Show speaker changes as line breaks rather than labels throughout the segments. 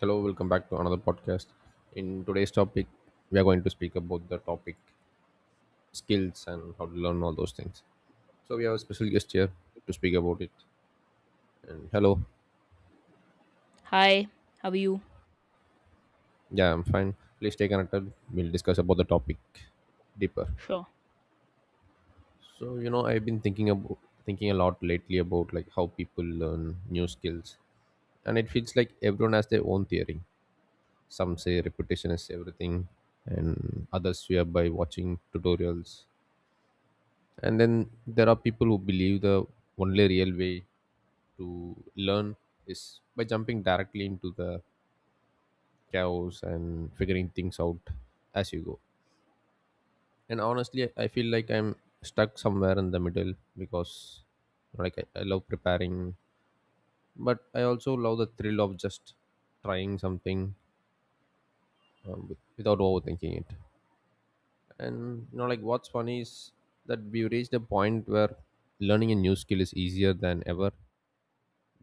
Hello, welcome back to another podcast. In today's topic, we are going to speak about the topic skills and how to learn all those things. So we have a special guest here to speak about it. And hello,
Hi, how are you?
yeah, I'm fine. Please stay connected. We'll discuss about the topic deeper.
Sure.
I've been thinking a lot lately about like how people learn new skills, and it feels like everyone has their own theory. Some say repetition is everything, and others swear by watching tutorials, and then there are people who believe the only real way to learn is by jumping directly into the chaos and figuring things out as you go. And honestly, I feel like I'm stuck somewhere in the middle, because I love preparing, but I also love the thrill of just trying something without overthinking it. And you know, like, what's funny is that we've reached a point where learning a new skill is easier than ever,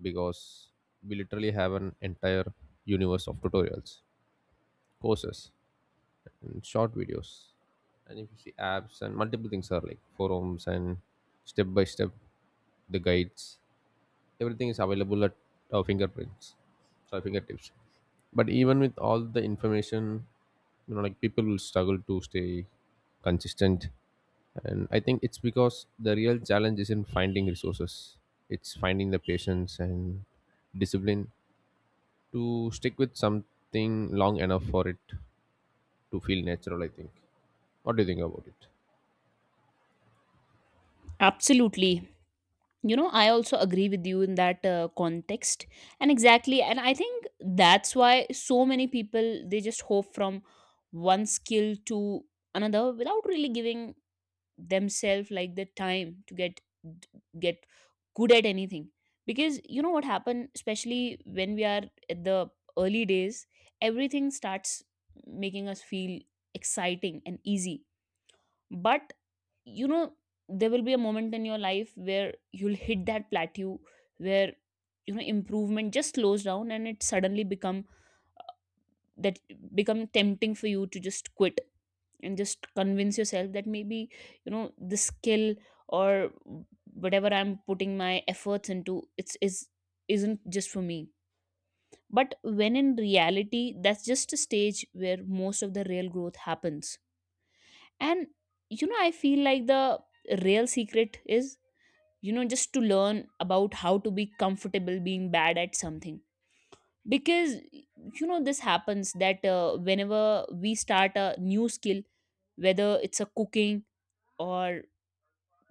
because we literally have an entire universe of tutorials, courses, and short videos. And if you see, apps and multiple things are like forums and step by step the guides, everything is available at our fingerprints, so our fingertips. But even with all the information, you know, like, people will struggle to stay consistent. And I think it's because the real challenge is in finding resources. It's finding the patience and discipline to stick with something long enough for it to feel natural, I think. What do you think about it?
Absolutely. You know, I also agree with you in that context. And exactly, and I think that's why so many people they just hop from one skill to another without really giving themselves like the time to get good at anything. Because you know what happened, especially when we are at the early days, everything starts making us feel exciting and easy. But you know there will be a moment in your life where you'll hit that plateau where you know improvement just slows down and it suddenly become that become tempting for you to just quit and just convince yourself that maybe you know the skill or whatever I'm putting my efforts into it's is isn't just for me, but when in reality that's just a stage where most of the real growth happens. And I feel like the real secret is just to learn about how to be comfortable being bad at something, because this happens that whenever we start a new skill, whether it's a cooking or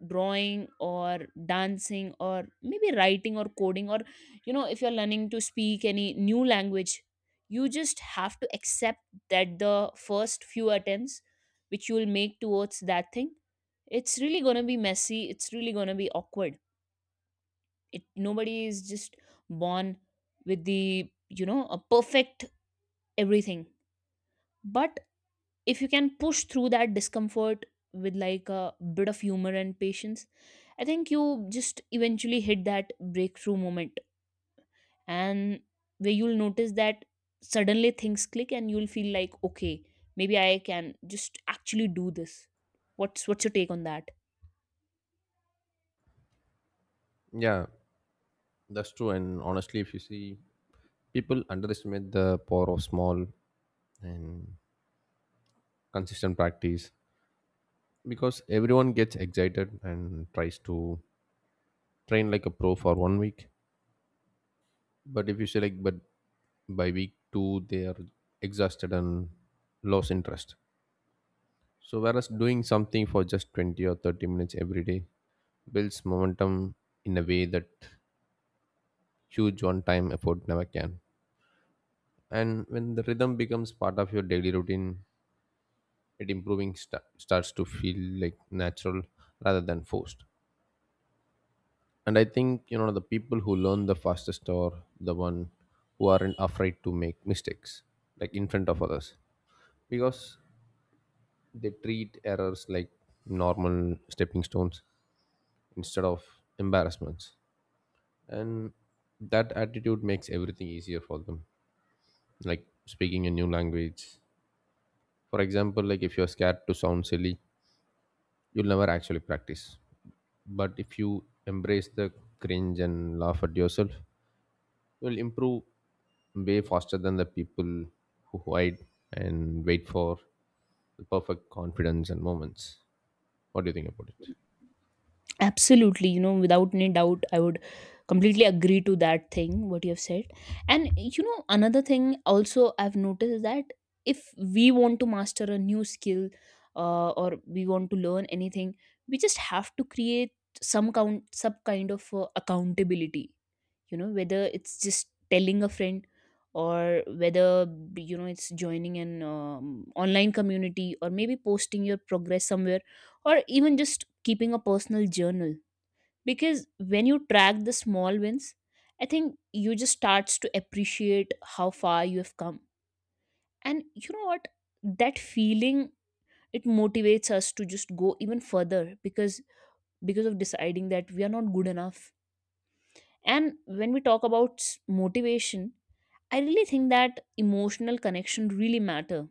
drawing or dancing or maybe writing or coding, or if you're learning to speak any new language, you just have to accept that the first few attempts which you will make towards that thing, it's really going to be messy, it's really going to be awkward. It nobody is just born with the you know a perfect everything. But if you can push through that discomfort with like a bit of humor and patience, I think you just eventually hit that breakthrough moment, and where you'll notice that suddenly things click and you'll feel like, okay, maybe I can just actually do this. What's your take on that?
Yeah, that's true. And honestly, if you see, people underestimate the power of small and consistent practice, because everyone gets excited and tries to train like a pro for one week, but if you say like but by week 2 they are exhausted and lost interest. So, whereas doing something for just 20 or 30 minutes every day builds momentum in a way that huge one time effort never can. And when the rhythm becomes part of your daily routine, it improving sta starts to feel like natural rather than forced. And I think, you know, the people who learn the fastest are the one who aren't afraid to make mistakes, like in front of others, because they treat errors like normal stepping stones instead of embarrassments. And that attitude makes everything easier for them, like speaking a new language. For example, like, if you're scared to sound silly, you'll never actually practice, but if you embrace the cringe and laugh at yourself, you'll improve way faster than the people who hide and wait for the perfect confidence and moments. What do you think about it?
Absolutely, without any doubt, I would completely agree to that thing, what you have said. And, another thing also I've noticed is that if we want to master a new skill, or we want to learn anything, we just have to create some kind of accountability, whether it's just telling a friend, or whether it's joining an online community, or maybe posting your progress somewhere, or even just keeping a personal journal, because when you track the small wins, I think you just starts to appreciate how far you have come. And you know what, that feeling, it motivates us to just go even further, because of deciding that we are not good enough. And when we talk about motivation, I really think that emotional connection really matter.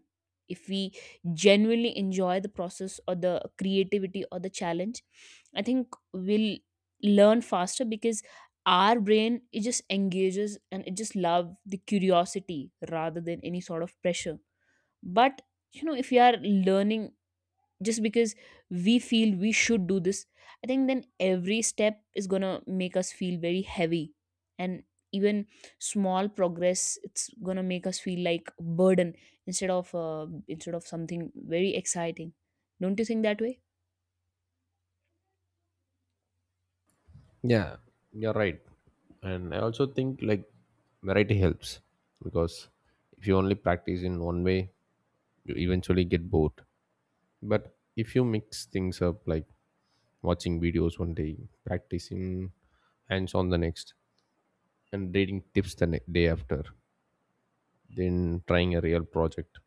If we genuinely enjoy the process or the creativity or the challenge, I think we'll learn faster, because our brain, it just engages and it just love the curiosity rather than any sort of pressure. But if you are learning just because we feel we should do this, I think then every step is going to make us feel very heavy, and even small progress, it's going to make us feel like burden, instead of something very exciting. Don't you think that way?
Yeah, you're right. And I also think like variety helps, because if you only practice in one way, you eventually get bored. But if you mix things up, like watching videos one day, practicing hands on the next, and reading tips the day after, then trying a real project,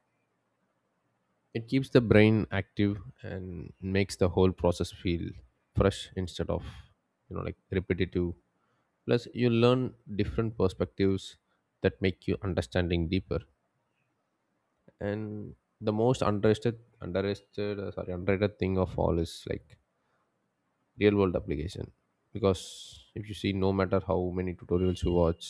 it keeps the brain active and makes the whole process feel fresh instead of, you know, like, repetitive. Plus you learn different perspectives that make you understanding deeper. And the most underrated thing of all is, like, real world application. Because if you see, no matter how many tutorials you watch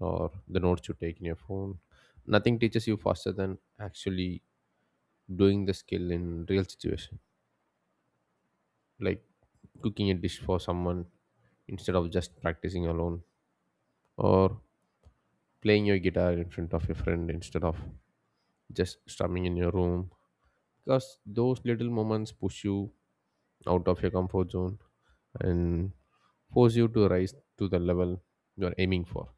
or the notes you take in your phone, nothing teaches you faster than actually doing the skill in real situation, like cooking a dish for someone instead of just practicing alone, or playing your guitar in front of your friend instead of just strumming in your room. Because those little moments push you out of your comfort zone and force you to rise to the level you're aiming for.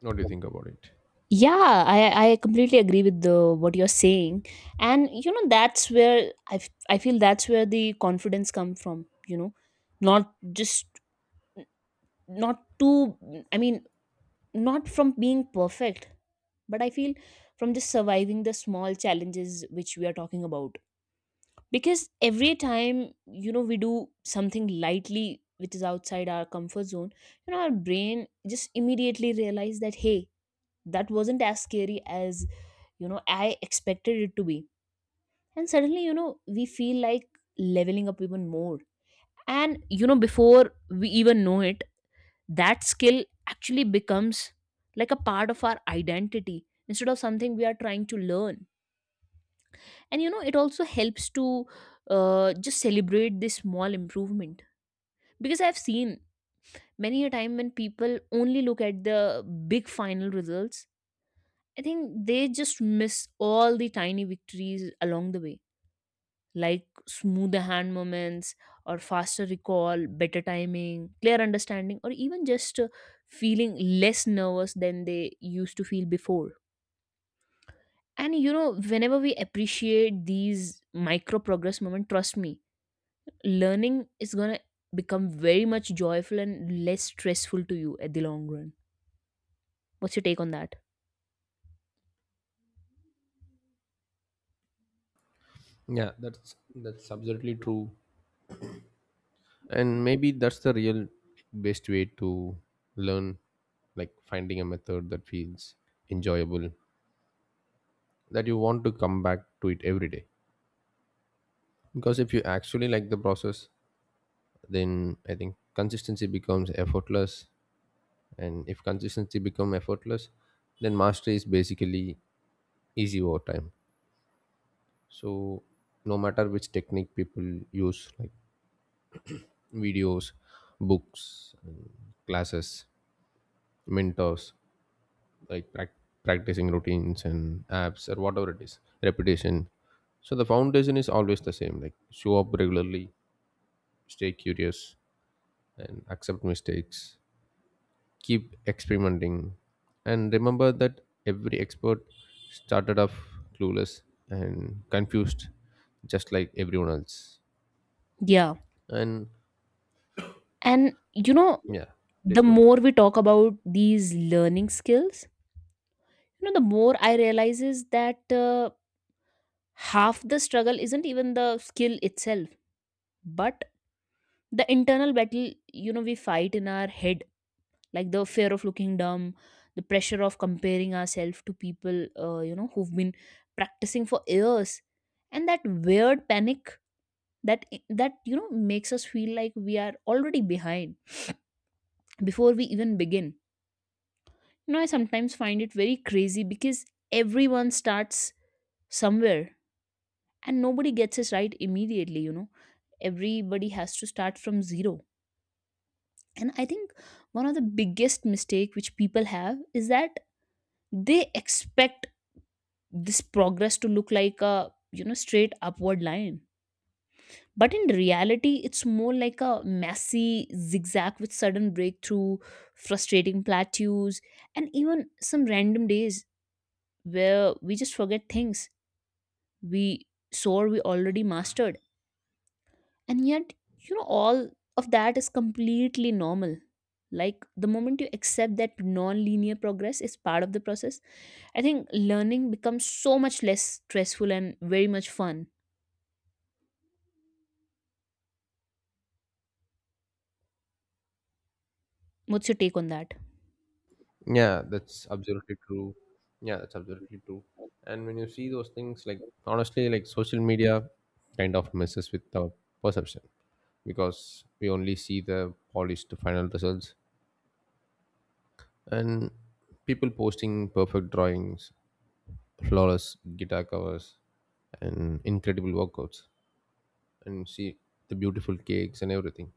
What do you think about it?
Yeah, I completely agree with the what you're saying. And that's where I feel that's where the confidence come from. You know, not just, not too, I mean, not from being perfect, but I feel from just surviving the small challenges which we are talking about. Because every time we do something lightly which is outside our comfort zone, our brain just immediately realize that, hey, that wasn't as scary as I expected it to be. And suddenly we feel like leveling up even more. And before we even know it, that skill actually becomes like a part of our identity instead of something we are trying to learn. And it also helps to just celebrate this small improvement, because I've seen many a time when people only look at the big final results, I think they just miss all the tiny victories along the way, like smoother hand moments, or faster recall, better timing, clear understanding, or even just feeling less nervous than they used to feel before. And whenever we appreciate these micro progress moments, trust me, learning is going to become very much joyful and less stressful to you at the long run. What's your take on that?
Yeah, that's absolutely true. And maybe that's the real best way to learn, like finding a method that feels enjoyable, that you want to come back to it every day. Because if you actually like the process, then I think consistency becomes effortless. And if consistency becomes effortless, then mastery is basically easy over time. So no matter which technique people use, like videos, books, and classes, mentors, like practicing routines and apps or whatever it is, repetition, so the foundation is always the same. Like, show up regularly, stay curious, and accept mistakes, keep experimenting, and remember that every expert started off clueless and confused just like everyone else.
Yeah.
And
And yeah.
yeah, please
The
go on.
more we talk about these learning skills, the more I realize is that, half the struggle isn't even the skill itself, but the internal battle, we fight in our head, like the fear of looking dumb, the pressure of comparing ourselves to people, who've been practicing for years, and that weird panic that makes us feel like we are already behind before we even begin. I sometimes find it very crazy, because everyone starts somewhere and nobody gets it right immediately. Everybody has to start from zero. And I think one of the biggest mistake which people have is that they expect this progress to look like a straight upward line, but in reality it's more like a messy zigzag with sudden breakthrough, frustrating plateaus, and even some random days where we just forget things we saw we already mastered. And yet all of that is completely normal. Like the moment you accept that non-linear progress is part of the process, I think learning becomes so much less stressful and very much fun. What's your take on that?
Yeah, that's absolutely true. Yeah, that's absolutely true. And when you see those things, like, honestly, like, social media kind of messes with our perception, because we only see the polished final results, and people posting perfect drawings, flawless guitar covers, and incredible workouts, and see the beautiful cakes and everything.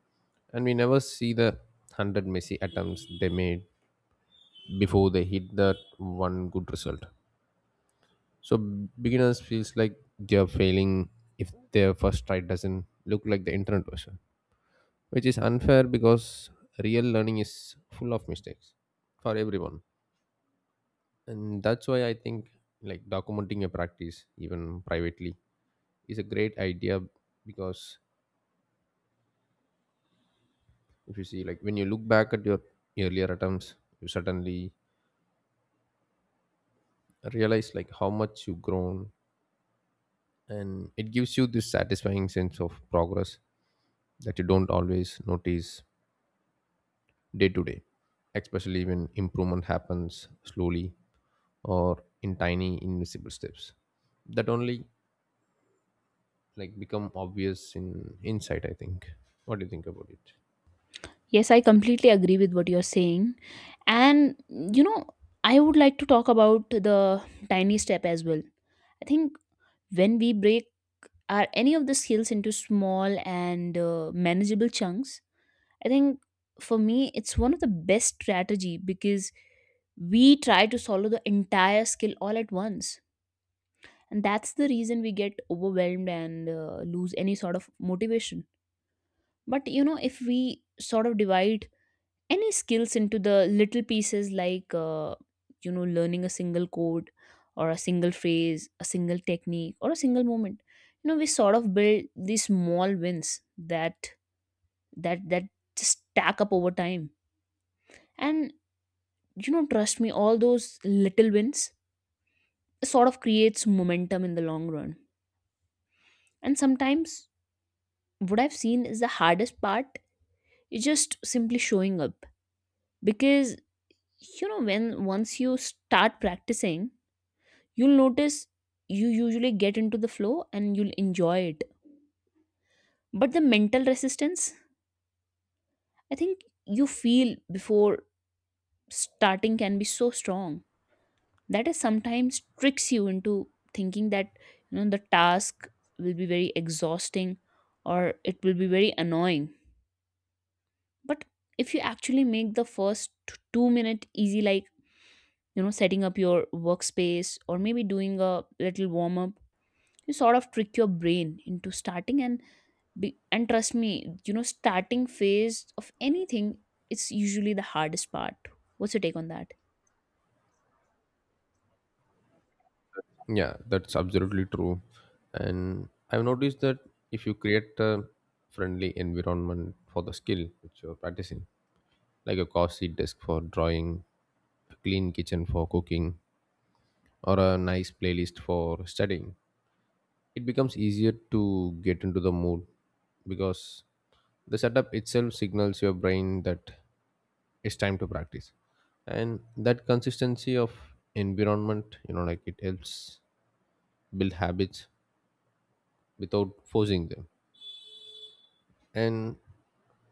And we never see the hundred messy attempts they made before they hit that one good result. So beginners feels like they are failing if their first try doesn't look like the internet version, which is unfair because real learning is full of mistakes for everyone. And that's why I think, like, documenting your practice, even privately, is a great idea. Because if you see, like, when you look back at your earlier attempts, you suddenly realize, like, how much you've grown, and it gives you this satisfying sense of progress that you don't always notice day to day, especially when improvement happens slowly or in tiny invisible steps that only, like, become obvious in insight, I think. What do you think about it?
Yes, I completely agree with what you're saying. And, I would like to talk about the tiny step as well. I think when we break our any of the skills into small and manageable chunks, I think for me it's one of the best strategy, because we try to solve the entire skill all at once. And that's the reason we get overwhelmed and lose any sort of motivation. But, if we sort of divide any skills into the little pieces, like learning a single code, or a single phrase, a single technique, or a single moment, we sort of build these small wins that just stack up over time. And trust me, all those little wins sort of creates momentum in the long run. And sometimes what I've seen is the hardest part is just simply showing up, because you know when once you start practicing, you'll notice you usually get into the flow and you'll enjoy it. But the mental resistance, I think you feel before starting, can be so strong that it sometimes tricks you into thinking that the task will be very exhausting, or it will be very annoying. But if you actually make the first 2 minute easy, like setting up your workspace, or maybe doing a little warm up, you sort of trick your brain into starting. And trust me, starting phase of anything, it's usually the hardest part. What's your take on that?
Yeah, that's absolutely true. And I've noticed that if you create a friendly environment for the skill which you're practicing, like a cozy desk for drawing, a clean kitchen for cooking, or a nice playlist for studying, it becomes easier to get into the mood. Because the setup itself signals your brain that it's time to practice, and that consistency of environment, you know, like, it helps build habits without forcing them. And,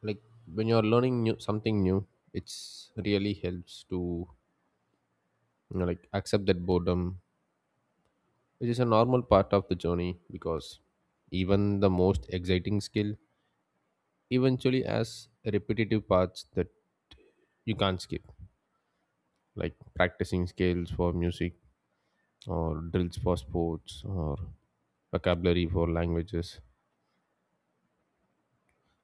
like, when you're learning new something new, it's really helps to, you know, like, accept that boredom, which is a normal part of the journey. Because even the most exciting skill eventually has repetitive parts that you can't skip, like practicing scales for music, or drills for sports, or vocabulary for languages.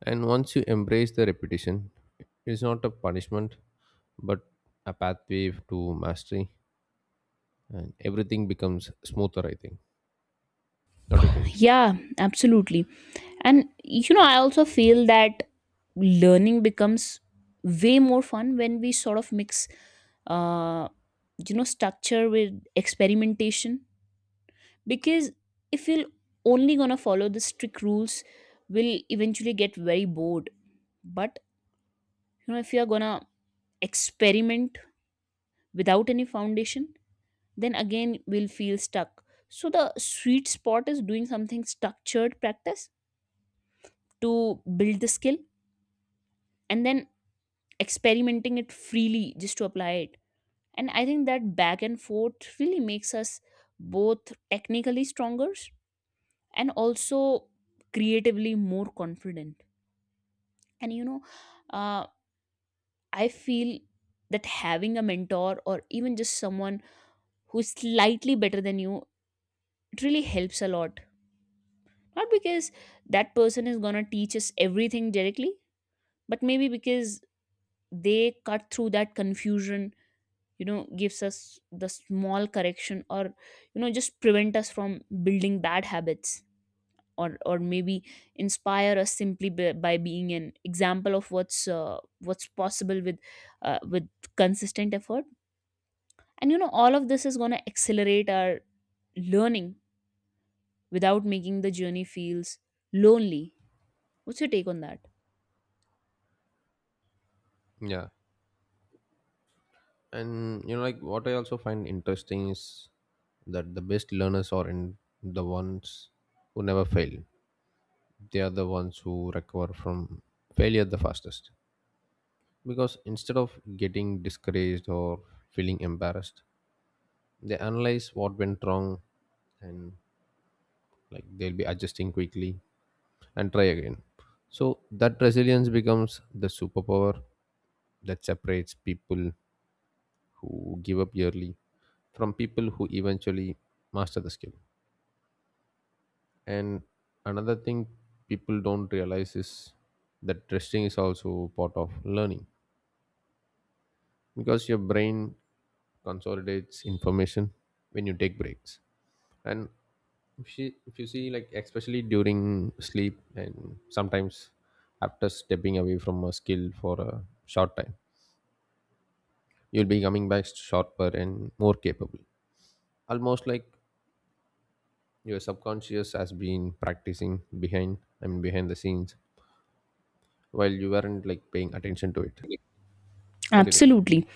And once you embrace the repetition, it's not a punishment but a pathway to mastery, and everything becomes smoother, I think. What do you think?
Yeah, absolutely. And I also feel that learning becomes way more fun when we sort of mix, uh, structure with experimentation. Because if you're only gonna follow the strict rules, we will eventually get very bored. But if you're gonna experiment without any foundation, then again we'll feel stuck. So the sweet spot is doing something structured practice to build the skill, and then experimenting it freely just to apply it. And I think that back and forth really makes us both technically stronger and also creatively more confident. And uh, I feel that having a mentor, or even just someone who's slightly better than you, it really helps a lot. Not because that person is going to teach us everything directly, but maybe because they cut through that confusion, gives us the small correction, or, just prevent us from building bad habits. Or maybe inspire us simply by being an example of what's possible with with consistent effort. And all of this is going to accelerate our learning without making the journey feels lonely. What's your take on that?
Yeah. And you know, like, what I also find interesting is that the best learners are in the ones who never fail. They are the ones who recover from failure the fastest, because instead of getting discouraged or feeling embarrassed, they analyze what went wrong, and, like, they'll be adjusting quickly and try again. So that resilience becomes the superpower that separates people who give up early from people who eventually master the skill. And another thing people don't realize is that resting is also part of learning, because your brain consolidates information when you take breaks. And if you see, like, especially during sleep, and sometimes after stepping away from a skill for a short time, you'll be coming back sharper and more capable, almost like your subconscious has been practicing behind I mean behind the scenes while you weren't, like, paying attention to it. What do you think?
Absolutely.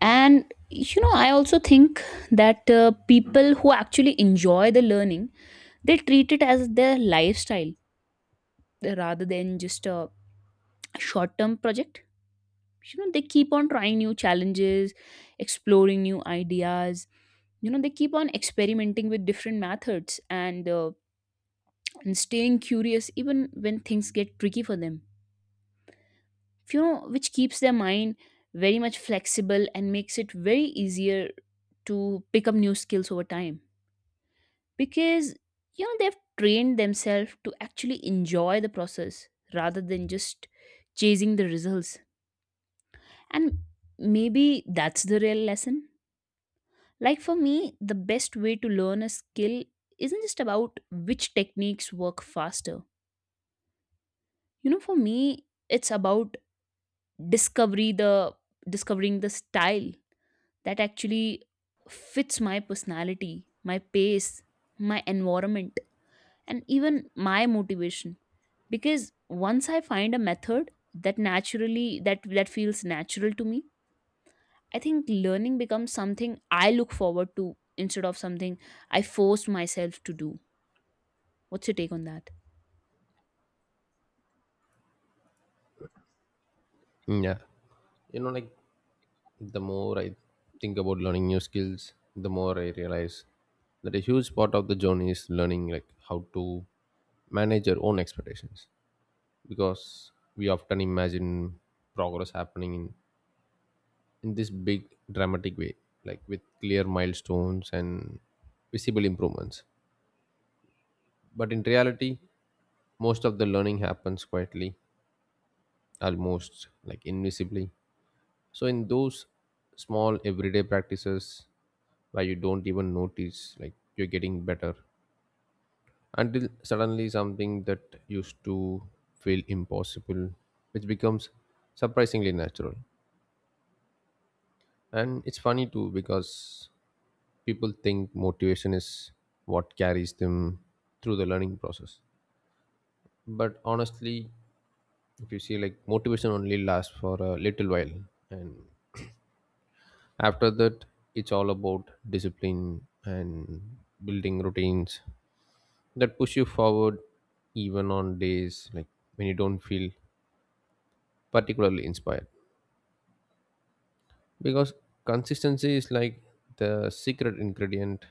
And I also think that people who actually enjoy the learning, they treat it as their lifestyle rather than just a short-term project. They keep on trying new challenges, exploring new ideas. They keep on experimenting with different methods, and and staying curious even when things get tricky for them, which keeps their mind very much flexible and makes it very easier to pick up new skills over time. Because they've trained themselves to actually enjoy the process rather than just chasing the results. And maybe that's the real lesson. Like, for me, the best way to learn a skill isn't just about which techniques work faster. For me, it's about discovery the discovering the style that actually fits my personality, my pace, my environment, and even my motivation. Because once I find a method that naturally that that feels natural to me, I think learning becomes something I look forward to instead of something I force myself to do. What's your take on that?
Mm, yeah. You know, like, the more I think about learning new skills, the more I realize that a huge part of the journey is learning, like, how to manage your own expectations. Because we often imagine progress happening in this big dramatic way, like with clear milestones and visible improvements, but in reality, most of the learning happens quietly, almost like invisibly. So in those small everyday practices where you don't even notice, like, you're getting better, until suddenly something that used to feel impossible which becomes surprisingly natural. And it's funny too, because people think motivation is what carries them through the learning process. But honestly, if you see, like, motivation only lasts for a little while, and after that, it's all about discipline and building routines that push you forward, even on days, like, when you don't feel particularly inspired. Because consistency is, like, the secret ingredient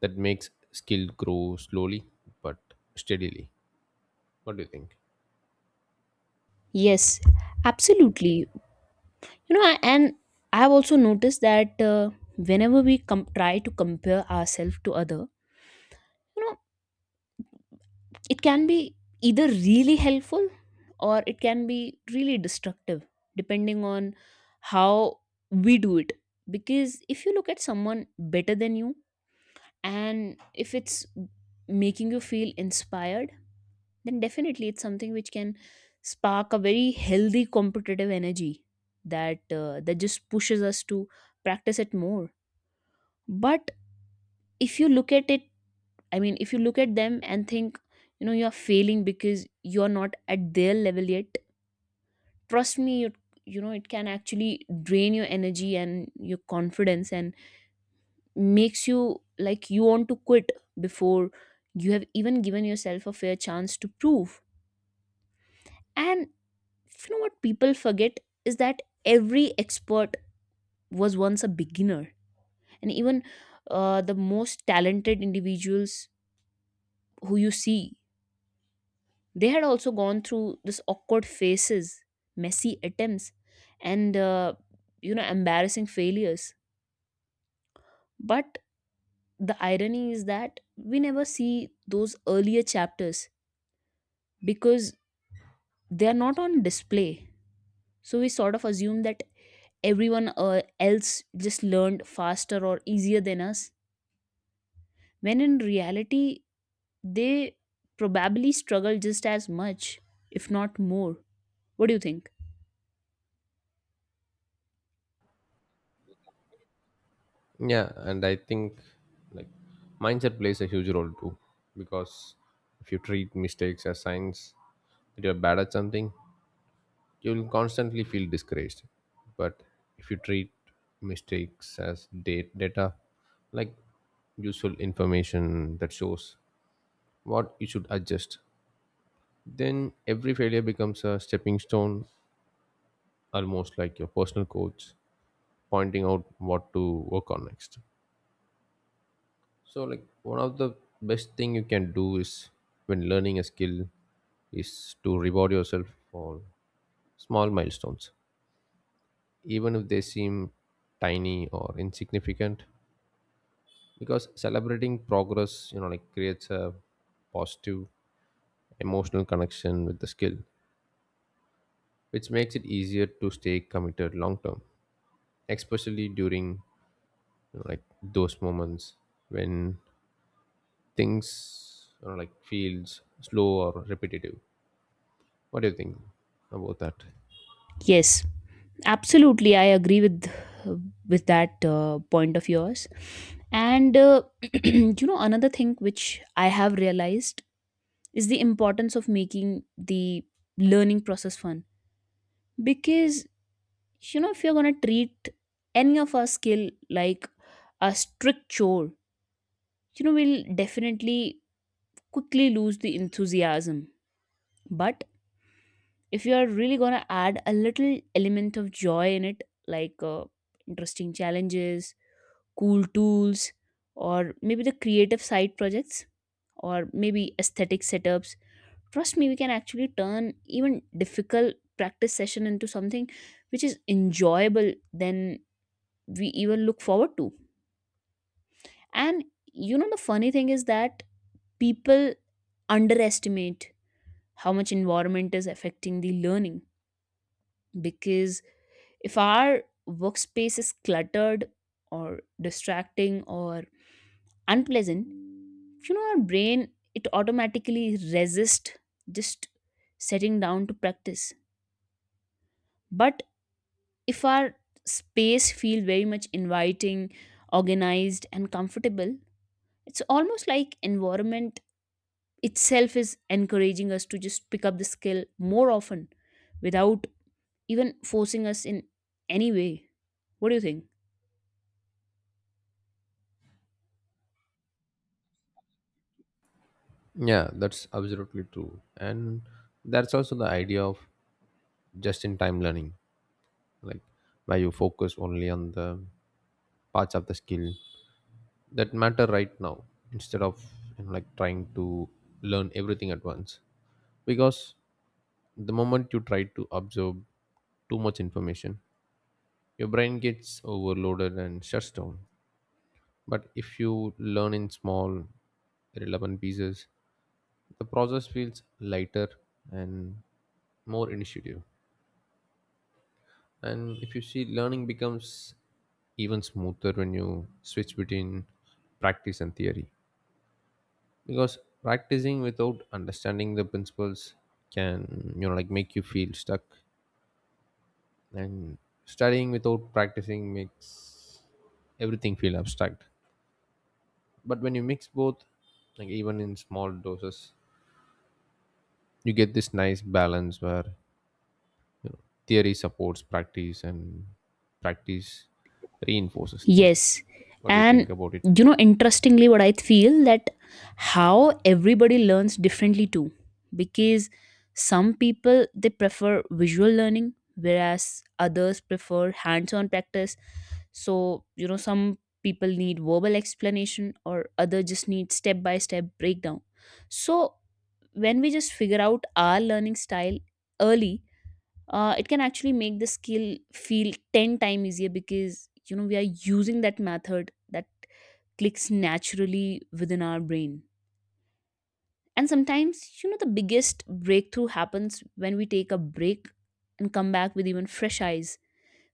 that makes skill grow slowly but steadily. What do you think?
Yes, absolutely. And I've also noticed that whenever we try to compare ourselves to other, you know, it can be either really helpful or it can be really destructive, depending on how we do it. Because if you look at someone better than you and if it's making you feel inspired, then definitely it's something which can spark a very healthy competitive energy that just pushes us to practice it more. But if you look at it, I mean, if you look at them and think, you know, you're failing because you're not at their level yet, trust me, you know, it can actually drain your energy and your confidence and makes you like you want to quit before you have even given yourself a fair chance to prove. And you know what people forget is that every expert was once a beginner. And even the most talented individuals who you see, they had also gone through this awkward phases, messy attempts, and you know, embarrassing failures. But the irony is that we never see those earlier chapters because they are not on display. So we sort of assume that everyone else just learned faster or easier than us, when in reality they probably struggle just as much, if not more. What do you think?
Yeah. And I think, like, mindset plays a huge role too. Because if you treat mistakes as signs that you're bad at something, you'll constantly feel discouraged. But if you treat mistakes as date data, like useful information that shows what you should adjust, then every failure becomes a stepping stone, almost like your personal coach pointing out what to work on next. So, like, one of the best thing you can do is when learning a skill is to reward yourself for small milestones, even if they seem tiny or insignificant. Because celebrating progress, you know, like, creates a positive emotional connection with the skill, which makes it easier to stay committed long term, especially during, you know, like, those moments when things, you know, like, feels slow or repetitive. What do you think about that?
Yes, absolutely. I agree with that point of yours. And you know, another thing which I have realized is the importance of making the learning process fun. Because you know, if you're gonna treat any of our skill like a strict chore, you know, we'll definitely quickly lose the enthusiasm. But if you are really going to add a little element of joy in it, like interesting challenges, cool tools, or maybe the creative side projects, or maybe aesthetic setups, trust me, we can actually turn even difficult practice session into something which is enjoyable than we even look forward to. And you know the funny thing is that people underestimate how much environment is affecting the learning. Because if our workspace is cluttered or distracting or unpleasant, you know, our brain, it automatically resists just setting down to practice. But if our space feel very much inviting, organized, and comfortable, it's almost like environment itself is encouraging us to just pick up the skill more often without even forcing us in any way. What do you think?
Yeah, that's absolutely true. And that's also the idea of just in time learning, like, where you focus only on the parts of the skill that matter right now, instead of, you know, like, trying to learn everything at once. Because the moment you try to absorb too much information, your brain gets overloaded and shuts down. But if you learn in small relevant pieces, the process feels lighter and more initiative. And if you see, learning becomes even smoother when you switch between practice and theory. Because practicing without understanding the principles can, you know, like, make you feel stuck, and studying without practicing makes everything feel abstract. But when you mix both, like, even in small doses, you get this nice balance where theory supports practice and practice reinforces theory.
Yes.
What do you think
And
about
you
it?
know, interestingly, what I feel that how everybody learns differently too. Because some people they prefer visual learning, whereas others prefer hands-on practice. So, you know, some people need verbal explanation or other just need step-by-step breakdown. So when we just figure out our learning style early, it can actually make the skill feel 10 times easier because you know we are using that method that clicks naturally within our brain. And sometimes you know the biggest breakthrough happens when we take a break and come back with even fresh eyes,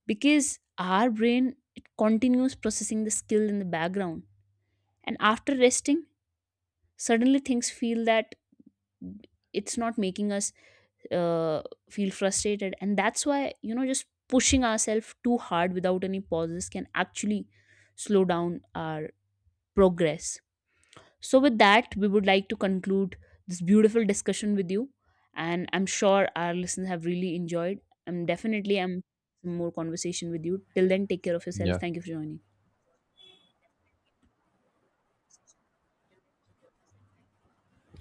because our brain it continues processing the skill in the background, and after resting suddenly things feel that it's not making us uh, feel frustrated. And that's why you know just pushing ourselves too hard without any pauses can actually slow down our progress. So with that, we would like to conclude this beautiful discussion with you, and I'm sure our listeners have really enjoyed. I'm definitely am some more conversation with you. Till then, take care of yourself.
Yeah.
Thank you for joining.